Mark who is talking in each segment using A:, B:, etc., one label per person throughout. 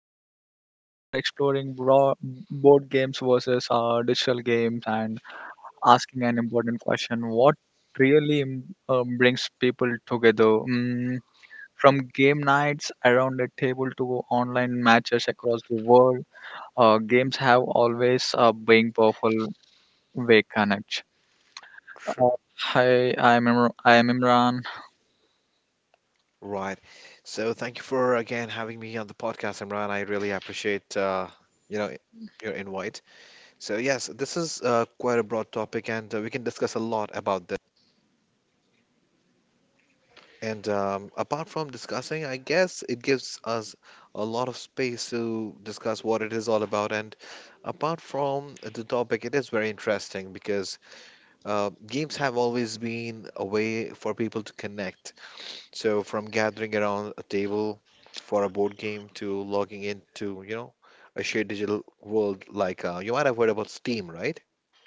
A: podcast. Today, we are exploring board games versus digital games and asking an important question: what really brings people together? Mm, from game nights around the table to online matches across the world, games have always been powerful way connect. Uh,
B: True.
A: hi, I'm I am Imran.
B: Right. So thank you for again having me on the podcast, Imran. I really appreciate you know your invite. So yes, this is quite a broad topic, and we can discuss a lot about this. And apart from discussing, I guess it gives us a lot of space to discuss what it is all about. And apart from the topic, it is very interesting because games have always been a way for people to connect. So from gathering around a table for a board game to logging into, a shared digital world like you might have heard about Steam, right?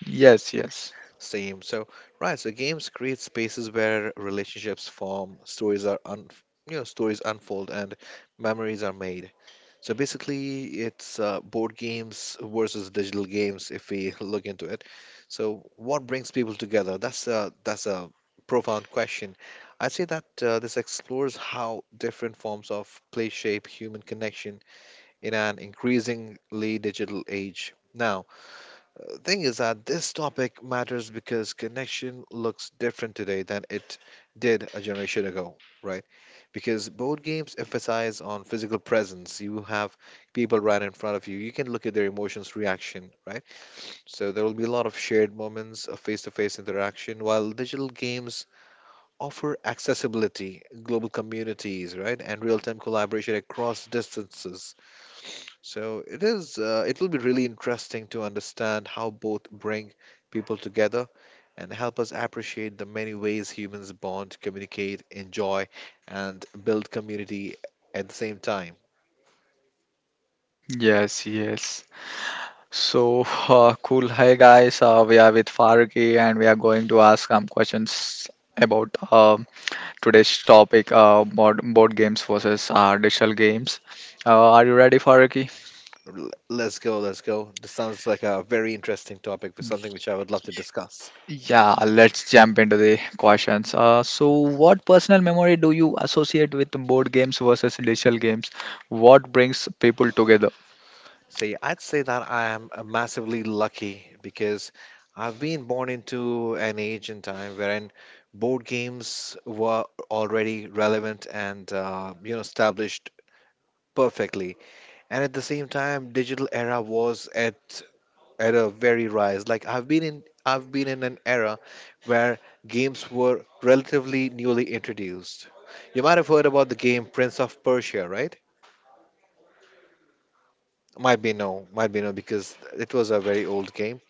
A: Yes, yes.
B: Same. So right, so games create spaces where relationships form, stories are un, you know, stories unfold, and memories are made. So basically, it's board games versus digital games if we look into it. So what brings people together? That's a profound question. I'd say that this explores how different forms of play shape human connection in an increasingly digital age. Now, the thing is that this topic matters because connection looks different today than it did a generation ago, right? Because board games emphasize on physical presence. You have people right in front of you. You can look at their emotions, reaction, right? So there will be a lot of shared moments of face-to-face interaction, while digital games offer accessibility, global communities, right, and real-time collaboration across distances. So it will be really interesting to understand how both bring people together and help us appreciate the many ways humans bond, communicate, enjoy, and build community at the same time.
A: Yes, yes. So, cool. Hi, guys. We are with Faruqi and we are going to ask some questions about today's topic, board games versus digital games. Are you ready, Faruqi?
B: Let's go, let's go. This sounds like a very interesting topic for something which I would love to discuss.
A: Yeah, let's jump into the questions. So, what personal memory do you associate with board games versus digital games? What brings people together?
B: See, I'd say that I am massively lucky because I've been born into an age and time wherein board games were already relevant and established perfectly. And at the same time, digital era was at a very rise. Like I've been in an era where games were relatively newly introduced. You might have heard about the game Prince of Persia, right? Might be no, because it was a very old game.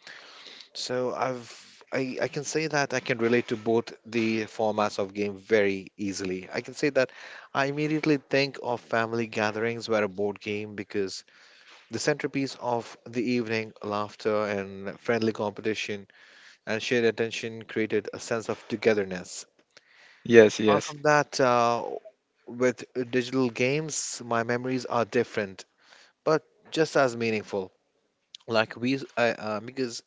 B: So I can say that I can relate to both the formats of game very easily. I can say that I immediately think of family gatherings where a board game because the centerpiece of the evening, laughter and friendly competition and shared attention created a sense of togetherness.
A: Yes,
B: Apart
A: yes,
B: from that, with digital games, my memories are different, but just as meaningful. Like we, I, because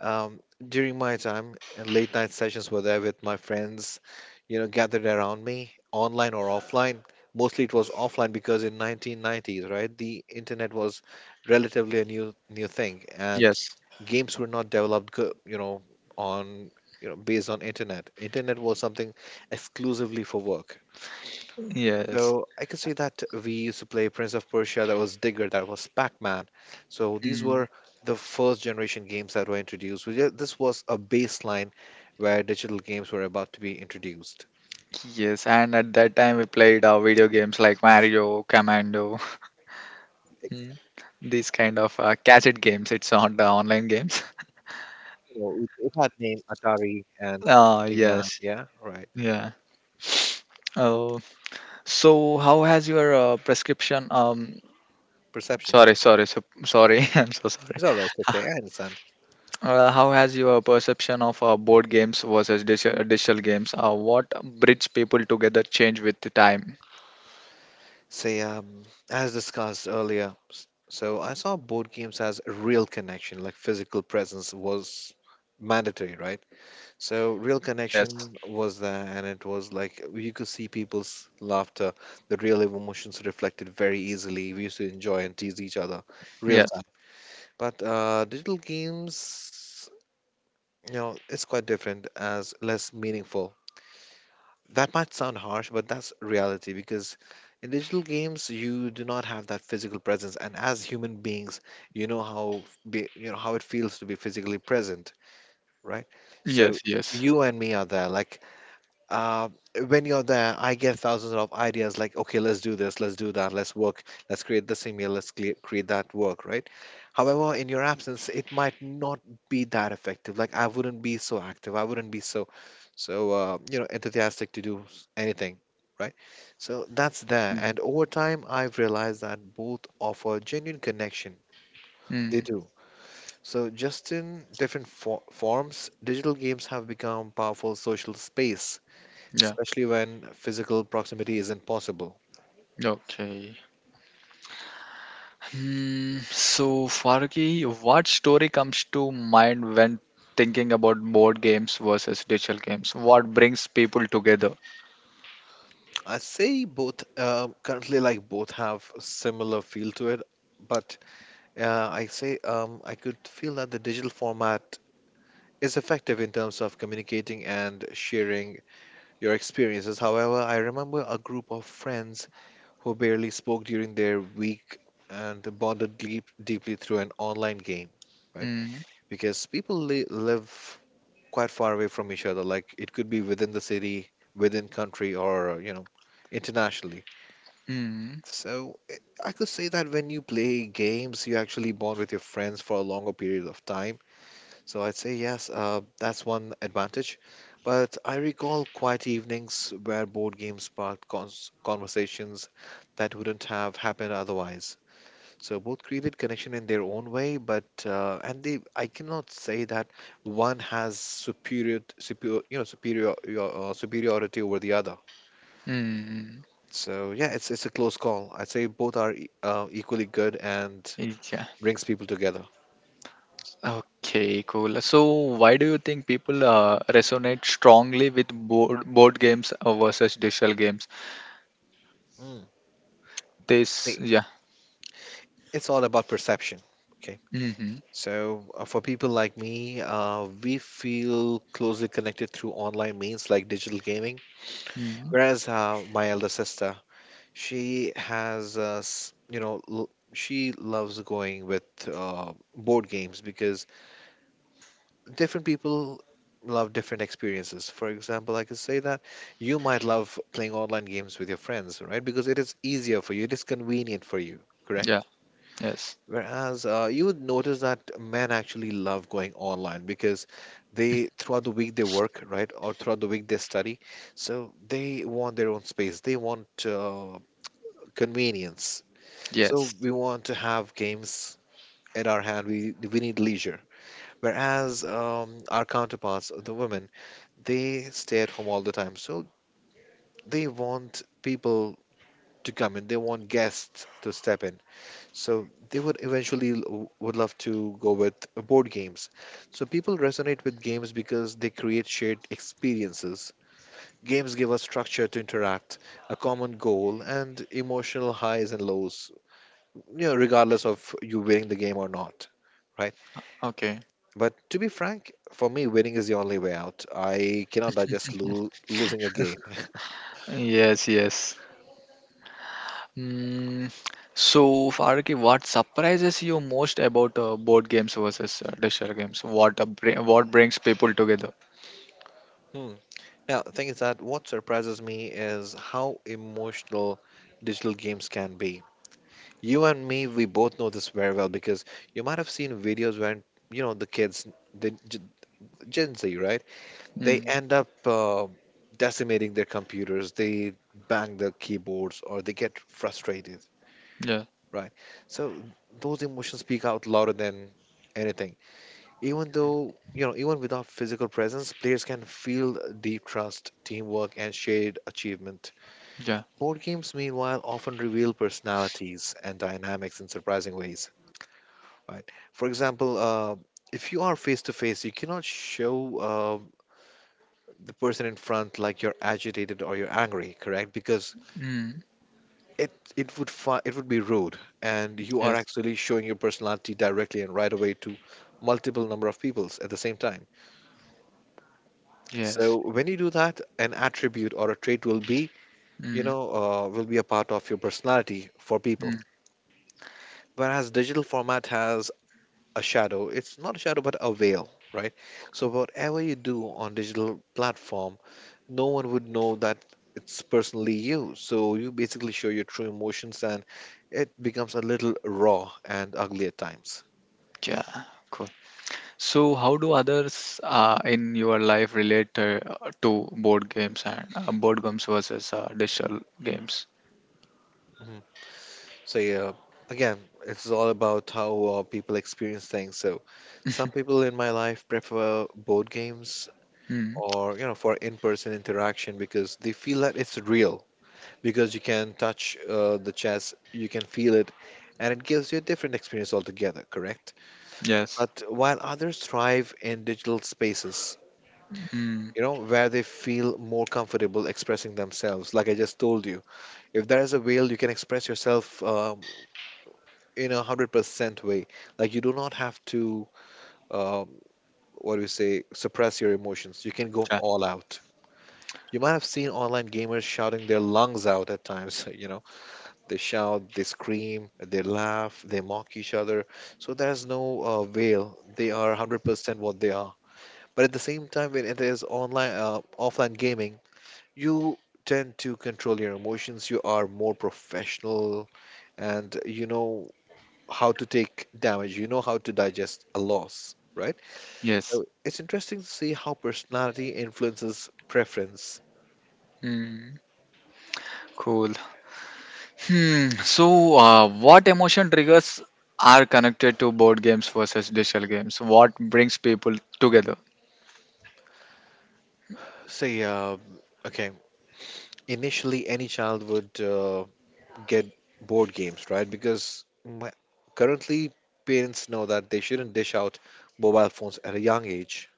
B: Um, during my time, late night sessions were there with my friends, gathered around me, online or offline. Mostly it was offline because in 1990s, right, the internet was relatively a new thing, and
A: yes,
B: games were not developed, go- you know, on you know based on internet. Internet was something exclusively for work.
A: yes.
B: So I could say that we used to play Prince of Persia, that was Digger, that was Pac-Man. So these
A: Mm.
B: were the first generation games that were introduced. This was a baseline where digital games were about to be introduced.
A: Yes, and at that time we played video games like Mario, Commando.
B: Ex-
A: Mm. These kind of gadget games, it's on the online games.
B: It had name Atari and
A: Ah,
B: Pac-Man.
A: yes.
B: Yeah, right.
A: Yeah. Oh, so how has your prescription? Um,
B: Perception.
A: sorry, sorry, so, sorry. I'm so sorry.
B: It's all right. It's okay. I understand.
A: How has your perception of board games versus digital games? What bridge people together change with the time?
B: Say, as discussed earlier, so I saw board games as a real connection, like physical presence was mandatory, right? So real
A: Yes.
B: connection was there, and it was like you could see people's laughter, the real emotions reflected very easily. We used to enjoy and tease each other real
A: Yes.
B: time. But digital games, it's quite different as less meaningful. That might sound harsh, but that's reality because in digital games you do not have that physical presence, and as human beings, you know how you know how it feels to be physically present, right? So
A: Yes. Yes.
B: you and me are there, like uh, when you're there, I get thousands of ideas like, okay, let's do this, let's do that, let's work, let's create this email, let's clear, create that work, right? However, in your absence, it might not be that effective. Like I wouldn't be so active, I wouldn't be so enthusiastic to do anything, right? So that's there,
A: Mm.
B: and over time, I've realized that both offer genuine connection. They
A: Mm.
B: do. So just in different fo forms, digital games have become powerful social space
A: Yeah.
B: especially when physical proximity isn't possible.
A: Okay. Hmm, so, Faruqi, what story comes to mind when thinking about board games versus digital games? What brings people together?
B: I say both, currently, like both have a similar feel to it, but I could feel that the digital format is effective in terms of communicating and sharing your experiences. However, I remember a group of friends who barely spoke during their week and bonded deeply through an online game, right?
A: Hmm.
B: Because live quite far away from each other. Like it could be within the city, within country, or internationally.
A: Hmm.
B: So I could say that when you play games, you actually bond with your friends for a longer period of time. So I'd say yes, that's one advantage. But I recall quiet evenings where board games sparked conversations that wouldn't have happened otherwise. So both created connection in their own way, but and they I cannot say that one has superior superior you know superior your, superiority over the other.
A: Hmm.
B: So yeah, it's a close call. I'd say both are equally good and
A: Yeah.
B: brings people together.
A: Okay, cool. So, why do you think people resonate strongly with board games versus digital games?
B: Mm.
A: This,
B: See,
A: yeah.
B: it's all about perception. Okay,
A: Mm-hmm.
B: so for people like me, we feel closely connected through online means like digital gaming,
A: Mm-hmm.
B: whereas my elder sister. She has, s- you know, l- she loves going with board games because different people love different experiences. For example, I could say that you might love playing online games with your friends, right? Because it is easier for you, it is convenient for you,
A: Yeah.
B: correct?
A: Yes.
B: Whereas you would notice that men actually love going online because they, throughout the week, they work, right? Or throughout the week, they study. So they want their own space, they want convenience.
A: Yes.
B: So we want to have games at our hand. We need leisure. Whereas our counterparts, the women, they stay at home all the time. So they want people to come in. They want guests to step in. So they would eventually would love to go with board games. So people resonate with games because they create shared experiences. Games give us structure to interact, a common goal, and emotional highs and lows. Regardless of you winning the game or not, right?
A: Okay.
B: But to be frank, for me, winning is the only way out. I cannot digest losing a game.
A: Yes. Yes. Mm, so, Faruqi, what surprises you most about board games versus digital games? What brings people together?
B: Hmm. Now, the thing is that what surprises me is how emotional digital games can be. You and me, we both know this very well because you might have seen videos when, the kids, the Gen Z, right? They
A: Mm.
B: end up decimating their computers, they bang their keyboards, or they get frustrated.
A: Yeah,
B: Right. So those emotions speak out louder than anything. Even though, even without physical presence, players can feel deep trust, teamwork, and shared achievement.
A: yeah.
B: Board games, meanwhile, often reveal personalities and dynamics in surprising ways. Right. For example, if you are face to face, you cannot show the person in front like you're agitated or you're angry, correct? Because
A: Mm.
B: it it would be rude, and you are
A: Yes,
B: actually showing your personality directly and right away to multiple number of peoples at the same time.
A: yes.
B: So when you do that, an attribute or a trait will be,
A: Mm.
B: will be a part of your personality for
A: Mm.
B: people. Whereas digital format has a shadow. It's not a shadow, but a veil, right? So whatever you do on digital platform no one would know that it's personally you. So you basically show your true emotions and it becomes a little raw and ugly at times.
A: Yeah, cool. So, how do others in your life relate to board games and board games versus digital games?
B: Mhm. So, yeah, again, it's all about how people experience things. So, some people in my life prefer board games
A: Mm.
B: or, for in person interaction because they feel that it's real. Because you can touch the chess, you can feel it, and it gives you a different experience altogether, correct?
A: Yes.
B: But while others thrive in digital spaces,
A: Mm.
B: where they feel more comfortable expressing themselves. Like I just told you, if there is a veil, you can express yourself in 100% way. Like you do not have to, um, what do you say, suppress your emotions. You can go
A: Yeah,
B: all out. You might have seen online gamers shouting their lungs out at times. You know, they shout, they scream, they laugh, they mock each other. So there's no veil. They are 100% what they are. But at the same time, when it is online, offline gaming, you tend to control your emotions. You are more professional and you know how to take damage. You know how to digest a loss, right?
A: yes.
B: So it's interesting to see how personality influences preference.
A: Mm, cool. Hmm. So, what emotion triggers are connected to board games versus digital games? What brings people together?
B: Say, okay, initially any child would get board games, right? Because currently parents know that they shouldn't dish out mobile phones at a young age,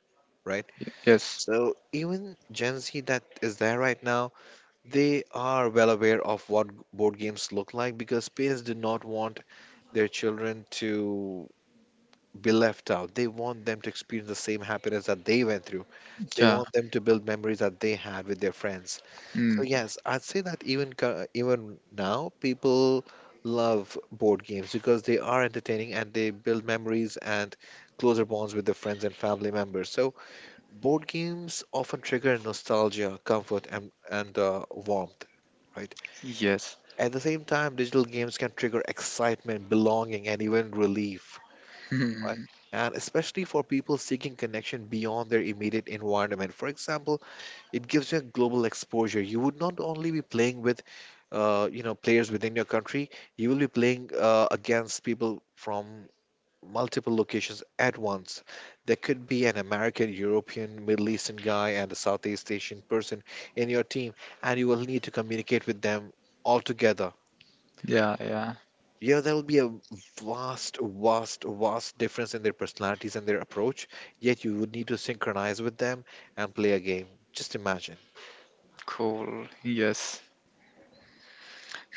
B: right?
A: Yes.
B: So even Gen Z that is there right now, they are well aware of what board games look like because parents do not want their children to be left out. They want them to experience the same happiness that they went through. They
A: Yeah.
B: want them to build memories that they had with their friends. So
A: Hmm.
B: yes, I'd say that even now people love board games because they are entertaining and they build memories and closer bonds with their friends and family members. So board games often trigger nostalgia, comfort, and warmth, right?
A: Yes.
B: At the same time, digital games can trigger excitement, belonging, and even relief. Right?
A: Hmm.
B: And especially for people seeking connection beyond their immediate environment. For example, it gives you a global exposure. You would not only be playing with players within your country. You will be playing against people from multiple locations at once. There could be an American, European, Middle Eastern guy, and a Southeast Asian person in your team, and you will need to communicate with them all together.
A: Yeah. Yeah.
B: Yeah, there will be a vast, vast, vast difference in their personalities and their approach. Yet you would need to synchronize with them and play a game. Just imagine.
A: Cool. Yes.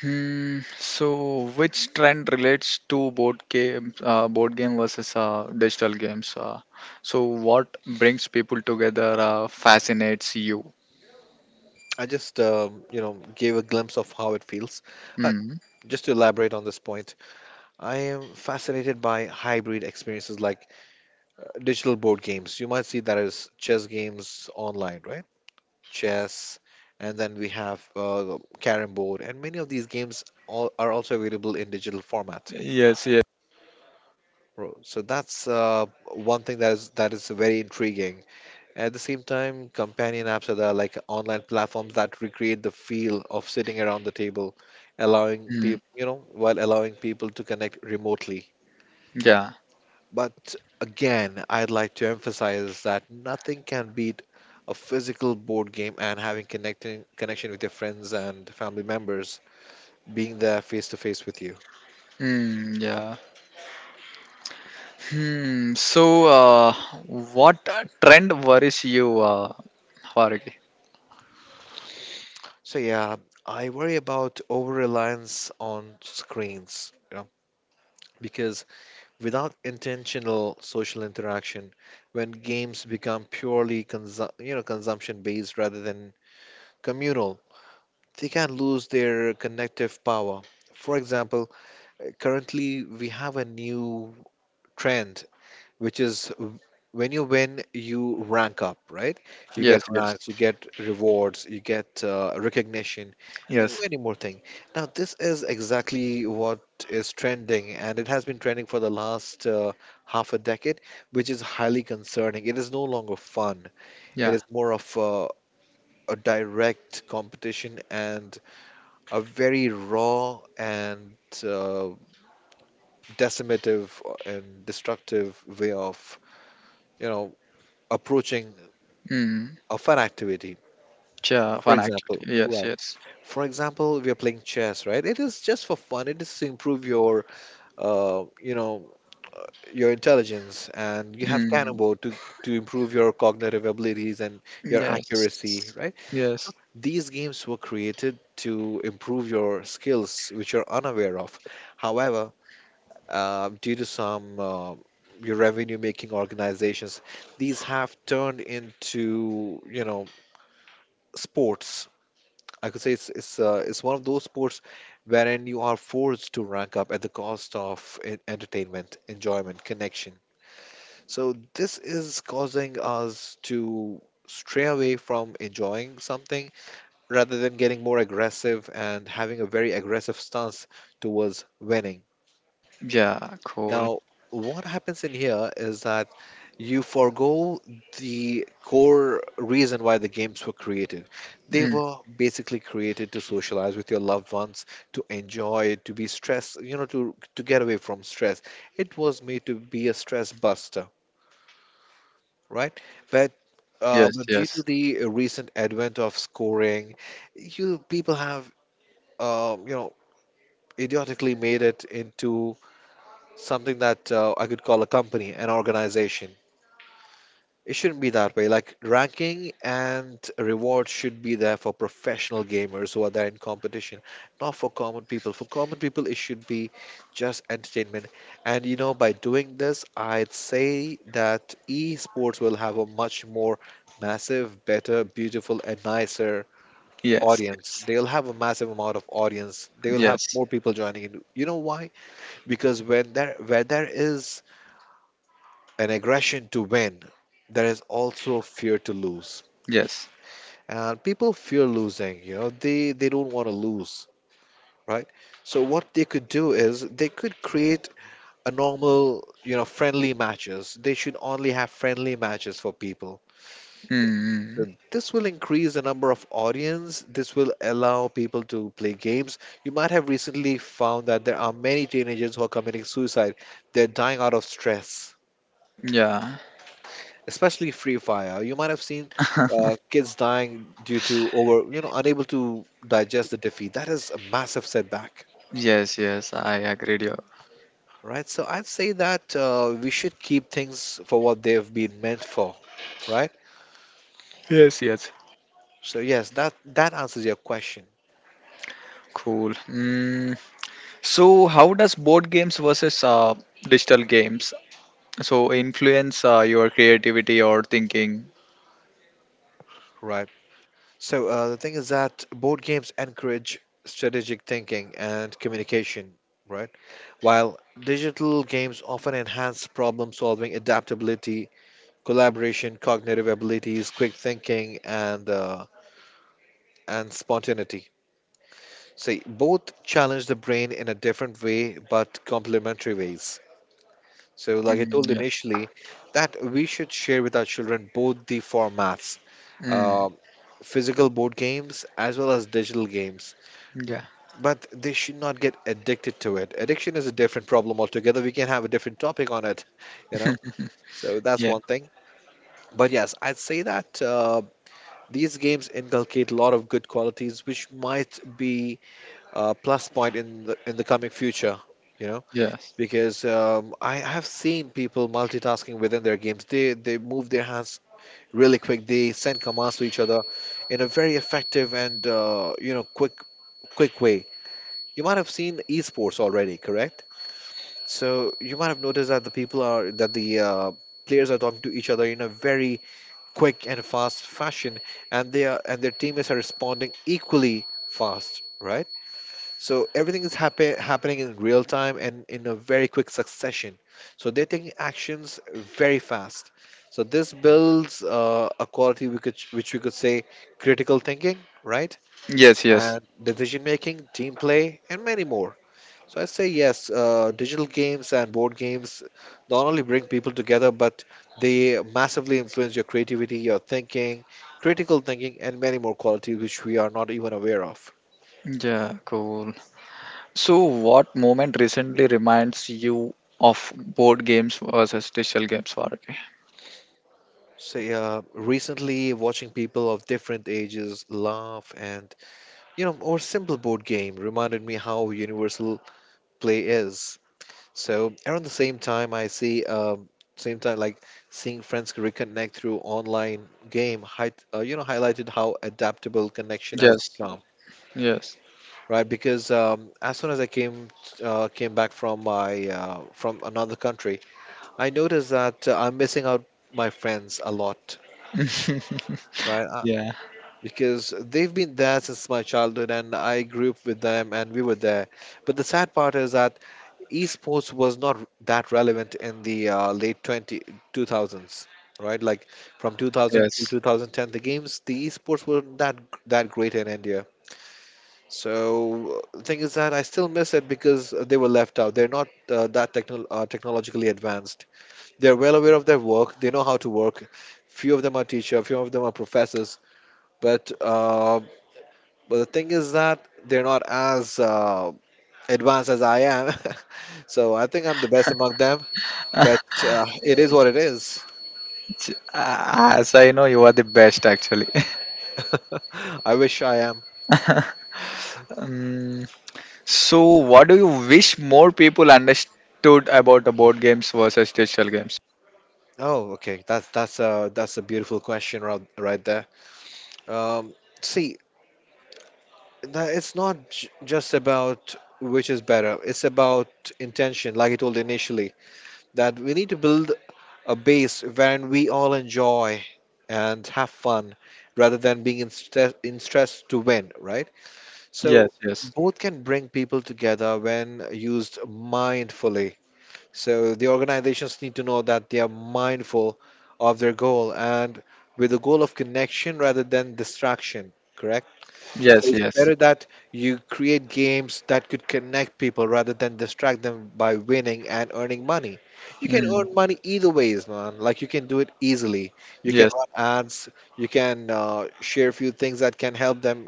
A: Hmm. So, which trend relates to board game versus digital games? So, what brings people together fascinates you?
B: I just, gave a glimpse of how it feels. Uh,
A: Hmm.
B: just to elaborate on this point, I am fascinated by hybrid experiences like digital board games. You might see that as chess games online, right? Chess, and then we have carrom board, and many of these games all are also available in digital format.
A: Yes. Yes.
B: Bro, so that's one thing that is very intriguing. At the same time, companion apps are the, like online platforms that recreate the feel of sitting around the table, allowing
A: Hmm.
B: people, while allowing people to connect remotely.
A: Yeah.
B: But again, I'd like to emphasize that nothing can beat a physical board game and having connecting connection with your friends and family members, being there face to face with you.
A: Hmm. Yeah. Hmm. So, what trend worries you, Vargi?
B: So yeah, I worry about over reliance on screens. Because without intentional social interaction, when games become purely consumption based rather than communal, they can lose their connective power. For example, currently we have a new trend which is when you win, you rank up, right? You
A: Yes,
B: get
A: yes,
B: ranks, you get rewards, you get recognition, and
A: yes.
B: many more things. Now, this is exactly what is trending, and it has been trending for the last half a decade, which is highly concerning. It is no longer fun, it
A: Yeah.
B: is more of a direct competition and a very raw and uh, decimative and destructive way of, you know, approaching
A: Hmm.
B: a fun activity.
A: Yeah.
B: For
A: Fun activity.
B: example,
A: Yes,
B: right.
A: yes.
B: For example, we are playing chess, right? It is just for fun. It is to improve uh, you know, your intelligence, and you have
A: Hmm.
B: cannonball to improve your cognitive abilities and your accuracy,
A: Yes.
B: right? So
A: Yes.
B: these games were created to improve your skills, which you're unaware of. However, due to some your revenue-making organizations, these have turned into, sports. I could say it's one of those sports wherein you are forced to rank up at the cost of entertainment, enjoyment, connection. So this is causing us to stray away from enjoying something rather than getting more aggressive and having a very aggressive stance towards winning.
A: Yeah. Cool.
B: Now, what happens in here is that you forgo the core reason why the games were created. They
A: Mm.
B: were basically created to socialize with your loved ones, to enjoy, to be stressed, to get away from stress. It was made to be a stress buster, right? But uh,
A: Yes,
B: but due to
A: yes,
B: the recent advent of scoring, you people have uh, you know idiotically made it into something that I could call a company, an organization. It shouldn't be that way. Like ranking and rewards should be there for professional gamers who are there in competition, not for common people. For common people, it should be just entertainment. And you know, by doing this, I'd say that esports will have a much more massive, better, beautiful, and nicer
A: yes,
B: audience.
A: yes,
B: They'll have a massive amount of audience. They will have
A: yes,
B: more people joining in. You know why? Because when there where there is an aggression to win, there is also fear to lose.
A: yes.
B: And people fear losing, they don't want to lose, right? So what they could do is they could create a normal friendly matches. They should only have friendly matches for people. So
A: Mm.
B: this will increase the number of audience. This will allow people to play games. You might have recently found that there are many teenagers who are committing suicide. They're dying out of stress,
A: Yeah.
B: especially Free Fire. You might have seen kids dying due to over, unable to digest the defeat. That is a massive setback,
A: Yes, yes. I agree with you.
B: right? So I'd say that we should keep things for what they've been meant for, right?
A: Yes, yes.
B: So yes, that answers your question,
A: Cool. Mm. So, how does board games versus digital games so influence your creativity or thinking?
B: right? So the thing is that board games encourage strategic thinking and communication, right? While digital games often enhance problem solving, adaptability, collaboration, cognitive abilities, quick thinking, and spontaneity. So both challenge the brain in a different way, but complementary ways. So, like I
A: Mm,
B: told
A: yes.
B: initially, that we should share with our children both the formats,
A: Mm.
B: uh, physical board games as well as digital games.
A: Yeah. Hmm.
B: But they should not get addicted to it. Addiction is a different problem altogether. We can have a different topic on it, you know. So that's
A: Yeah.
B: one thing. But yes, I'd say that. These games inculcate a lot of good qualities, which might be a plus point in the coming future. You know,
A: Yes.
B: because I have seen people multitasking within their games. They move their hands really quick. They send commands to each other in a very effective and quick way. You might have seen esports already, correct? So you might have noticed that the players are talking to each other in a very quick and fast fashion, and their teammates are responding equally fast, right? So everything is happening in real time and in a very quick succession. So they're taking actions very fast. So this builds a quality we could which we could say critical thinking, right?
A: Yes. Yes.
B: And decision making, team play, and many more. So I say yes, digital games and board games not only bring people together, but they massively influence your creativity, your thinking, critical thinking, and many more qualities which we are not even aware of.
A: Yeah. Cool. So what moment recently reminds you of board games versus digital games, Faruqi?
B: So yeah, recently watching people of different ages laugh and or simple board game reminded me how universal play is. So around the same time, I see same time like seeing friends reconnect through online game highlighted how adaptable connection has
A: Yes.
B: become,
A: Yes.
B: right? Because as soon as I came back from my from another country, I noticed that I'm missing out my friends a lot, right?
A: Yeah.
B: Because they've been there since my childhood, and I grew up with them, and we were there. But the sad part is that esports was not that relevant in the late two thousands, right, like from 2000 till
A: Yes.
B: 2010 the esports weren't that great in India. So the thing is that I still miss it because they were left out. They're not that technologically advanced. They're well aware of their work. They know how to work. Few of them are teacher, few of them are professors. But uh, but the thing is that they're not as advanced as I am. So I think I'm the best among them. But it is what it is.
A: Ah, as I know, you are the best actually.
B: I wish I am.
A: Um, so, what do you wish more people understood about the board games versus digital games?
B: Oh, okay. That's a beautiful question right there. Um, See, that it's not j just about which is better. It's about intention, like I told initially, that we need to build a base wherein we all enjoy and have fun, rather than being in stress to win, right?
A: Yes,
B: So
A: yes,
B: both can bring people together when used mindfully. So the organizations need to know that they are mindful of their goal and with the goal of connection rather than distraction, correct? So
A: yes,
B: it's
A: yes.
B: better that you create games that could connect people rather than distract them by winning and earning money. You can
A: Mm,
B: earn money either ways, man. Like you can do it easily. You can
A: yes.
B: run ads, you can share a few things that can help them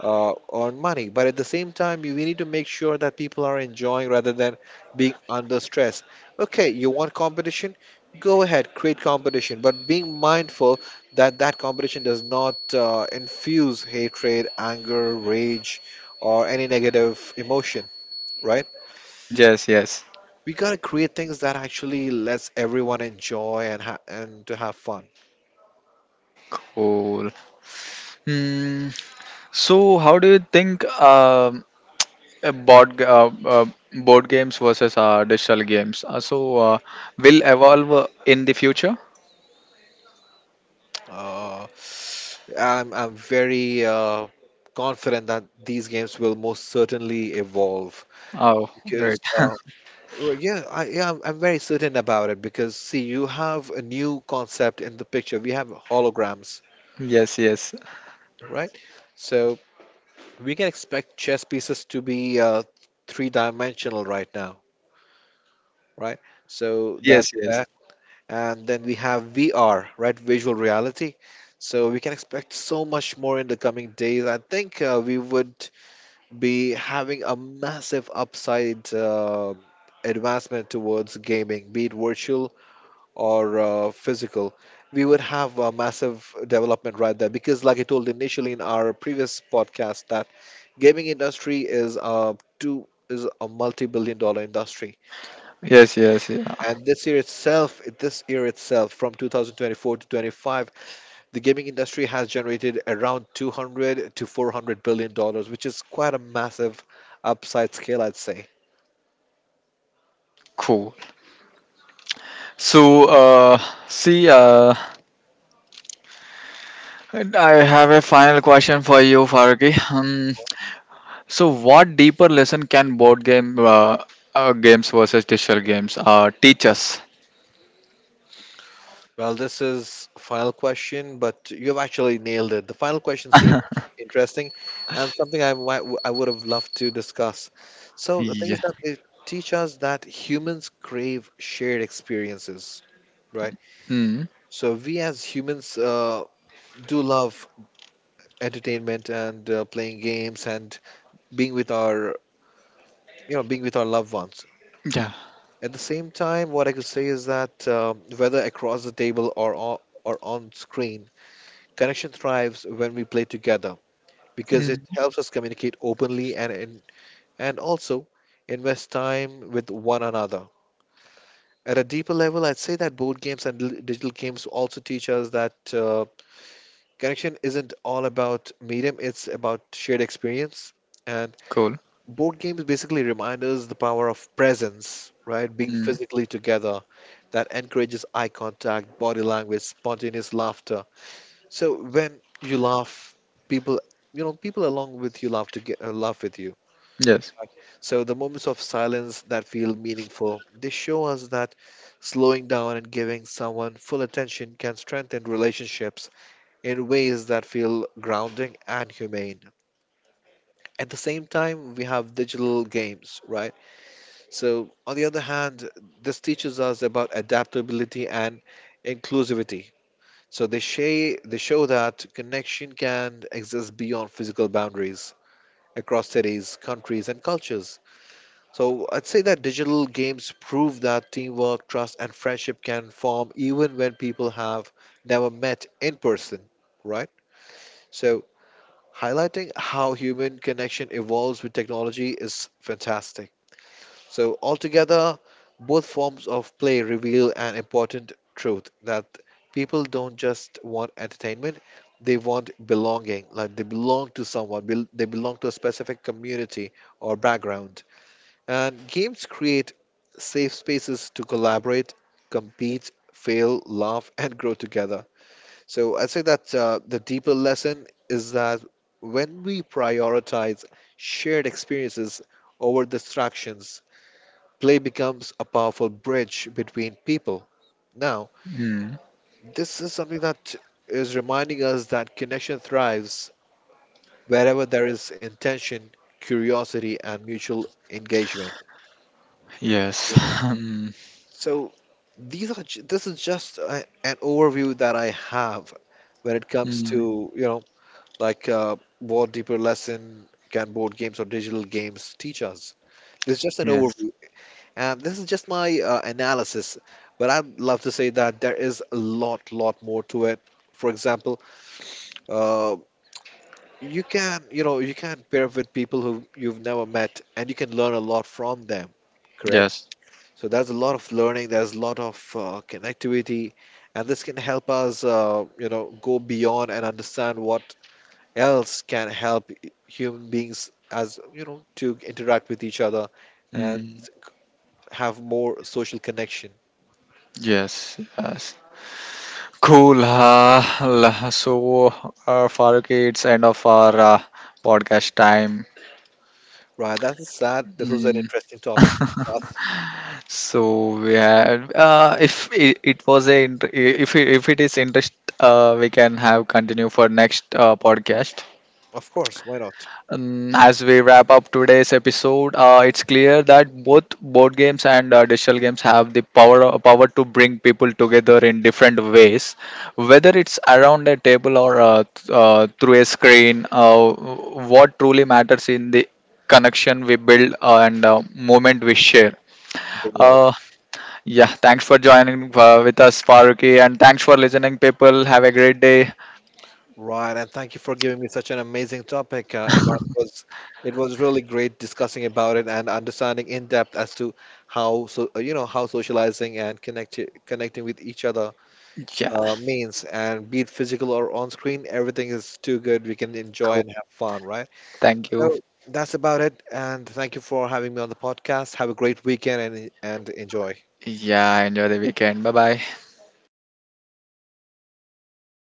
B: earn money. But at the same time, we need to make sure that people are enjoying rather than being under stress. Okay, you want competition? Go ahead, create competition, but being mindful that competition does not infuse hatred, anger, rage, or any negative emotion, right?
A: Yes, yes.
B: We gotta create things that actually lets everyone enjoy and to have fun.
A: Cool. Mm, so, how do you think uh, board g- uh, uh, board games versus digital games will evolve in the future?
B: Uh, I'm very confident that these games will most certainly evolve
A: Oh,
B: because
A: great.
B: yeah, I'm very certain about it because see, you have a new concept in the picture. We have holograms,
A: Yes, yes,
B: right? So we can expect chess pieces to be three dimensional right now, right? So that.
A: yes, yes,
B: And then we have VR, right? Visual reality. So we can expect so much more in the coming days. I think we would be having a massive upside advancement towards gaming, be it virtual or physical. We would have a massive development right there because, like I told initially in our previous podcast, that gaming industry is a multi-billion dollar industry,
A: yes, yes. Yeah.
B: and this year itself, from 2024 to 25, the gaming industry has generated around 200 to 400 billion dollars, which is quite a massive upside scale, I'd say.
A: Cool. So, see, uh, I have a final question for you, Faruqi. So, what deeper lesson can board games versus digital games teach us?
B: Well, this is final question, but you've actually nailed it. The final question seems interesting and something I would have loved to discuss. So the thing is
A: Yeah.
B: that they teach us that humans crave shared experiences, right?
A: Mm.
B: So we as humans do love entertainment and playing games and being with our being with our loved ones.
A: Yeah.
B: At the same time, what I could say is that whether across the table or on screen, connection thrives when we play together because it
A: Mm.
B: helps us communicate openly and also invest time with one another at a deeper level. I'd say that board games and digital games also teach us that connection isn't all about medium, it's about shared experience.
A: Cool.
B: Board games basically remind us the power of presence, right? Being
A: Mm.
B: physically together, that encourages eye contact, body language, spontaneous laughter. So when you laugh, people, you know, people along with you laugh to laugh with you,
A: Yes.
B: right? So the moments of silence that feel meaningful, they show us that slowing down and giving someone full attention can strengthen relationships in ways that feel grounding and humane. At the same time, we have digital games, right? So, on the other hand, this teaches us about adaptability and inclusivity. So, they show that connection can exist beyond physical boundaries across cities, countries, and cultures. So, I'd say that digital games prove that teamwork, trust, and friendship can form even when people have never met in person, right? So, highlighting how human connection evolves with technology is fantastic. So, altogether, both forms of play reveal an important truth that people don't just want entertainment, they want belonging. Like they belong to someone, they belong to a specific community or background. And games create safe spaces to collaborate, compete, fail, laugh, and grow together. So, I say that the deeper lesson is that when we prioritize shared experiences over distractions, play becomes a powerful bridge between people. Now,
A: Mm.
B: this is something that is reminding us that connection thrives wherever there is intention, curiosity, and mutual engagement.
A: Yes. Um.
B: So, this is just an overview that I have when it comes
A: Mm.
B: to, you know, like what deeper lesson can board games or digital games teach us. This is just an
A: Yes.
B: overview. And this is just my analysis, but I'd love to say that there is a lot more to it. For example, uh, you can, you know, you can pair with people who you've never met, and you can learn a lot from them. Correct.
A: Yes.
B: So there's a lot of learning. There's a lot of connectivity, and this can help us, you know, go beyond and understand what else can help human beings, as you know, to interact with each other and
A: Mm.
B: have more social connection.
A: Yes. Yes. Cool. Farooq, it's end of our podcast time.
B: Right, that's sad. This was an
A: Mm.
B: interesting topic to discuss.
A: So we had, if it, it was a, int- if it is interest, we can have continue for next podcast.
B: Of course, why not?
A: As we wrap up today's episode, it's clear that both board games and digital games have the power to bring people together in different ways. Whether it's around a table or through a screen, what truly matters in the connection we build and moment we share.
B: Bingo.
A: Uh, yeah, thanks for joining with us, Faruqi, and thanks for listening, people. Have a great day.
B: Right, and thank you for giving me such an amazing topic, Imran. It was really great discussing about it and understanding in depth as to how so you know how socializing and connecting with each other
A: Yeah,
B: means, and be it physical or on screen, everything is too good. We can enjoy
A: cool.
B: and have fun, right?
A: Thank you.
B: So that's about it. And thank you for having me on the podcast. Have a great weekend and enjoy.
A: Yeah, enjoy the weekend. Bye bye.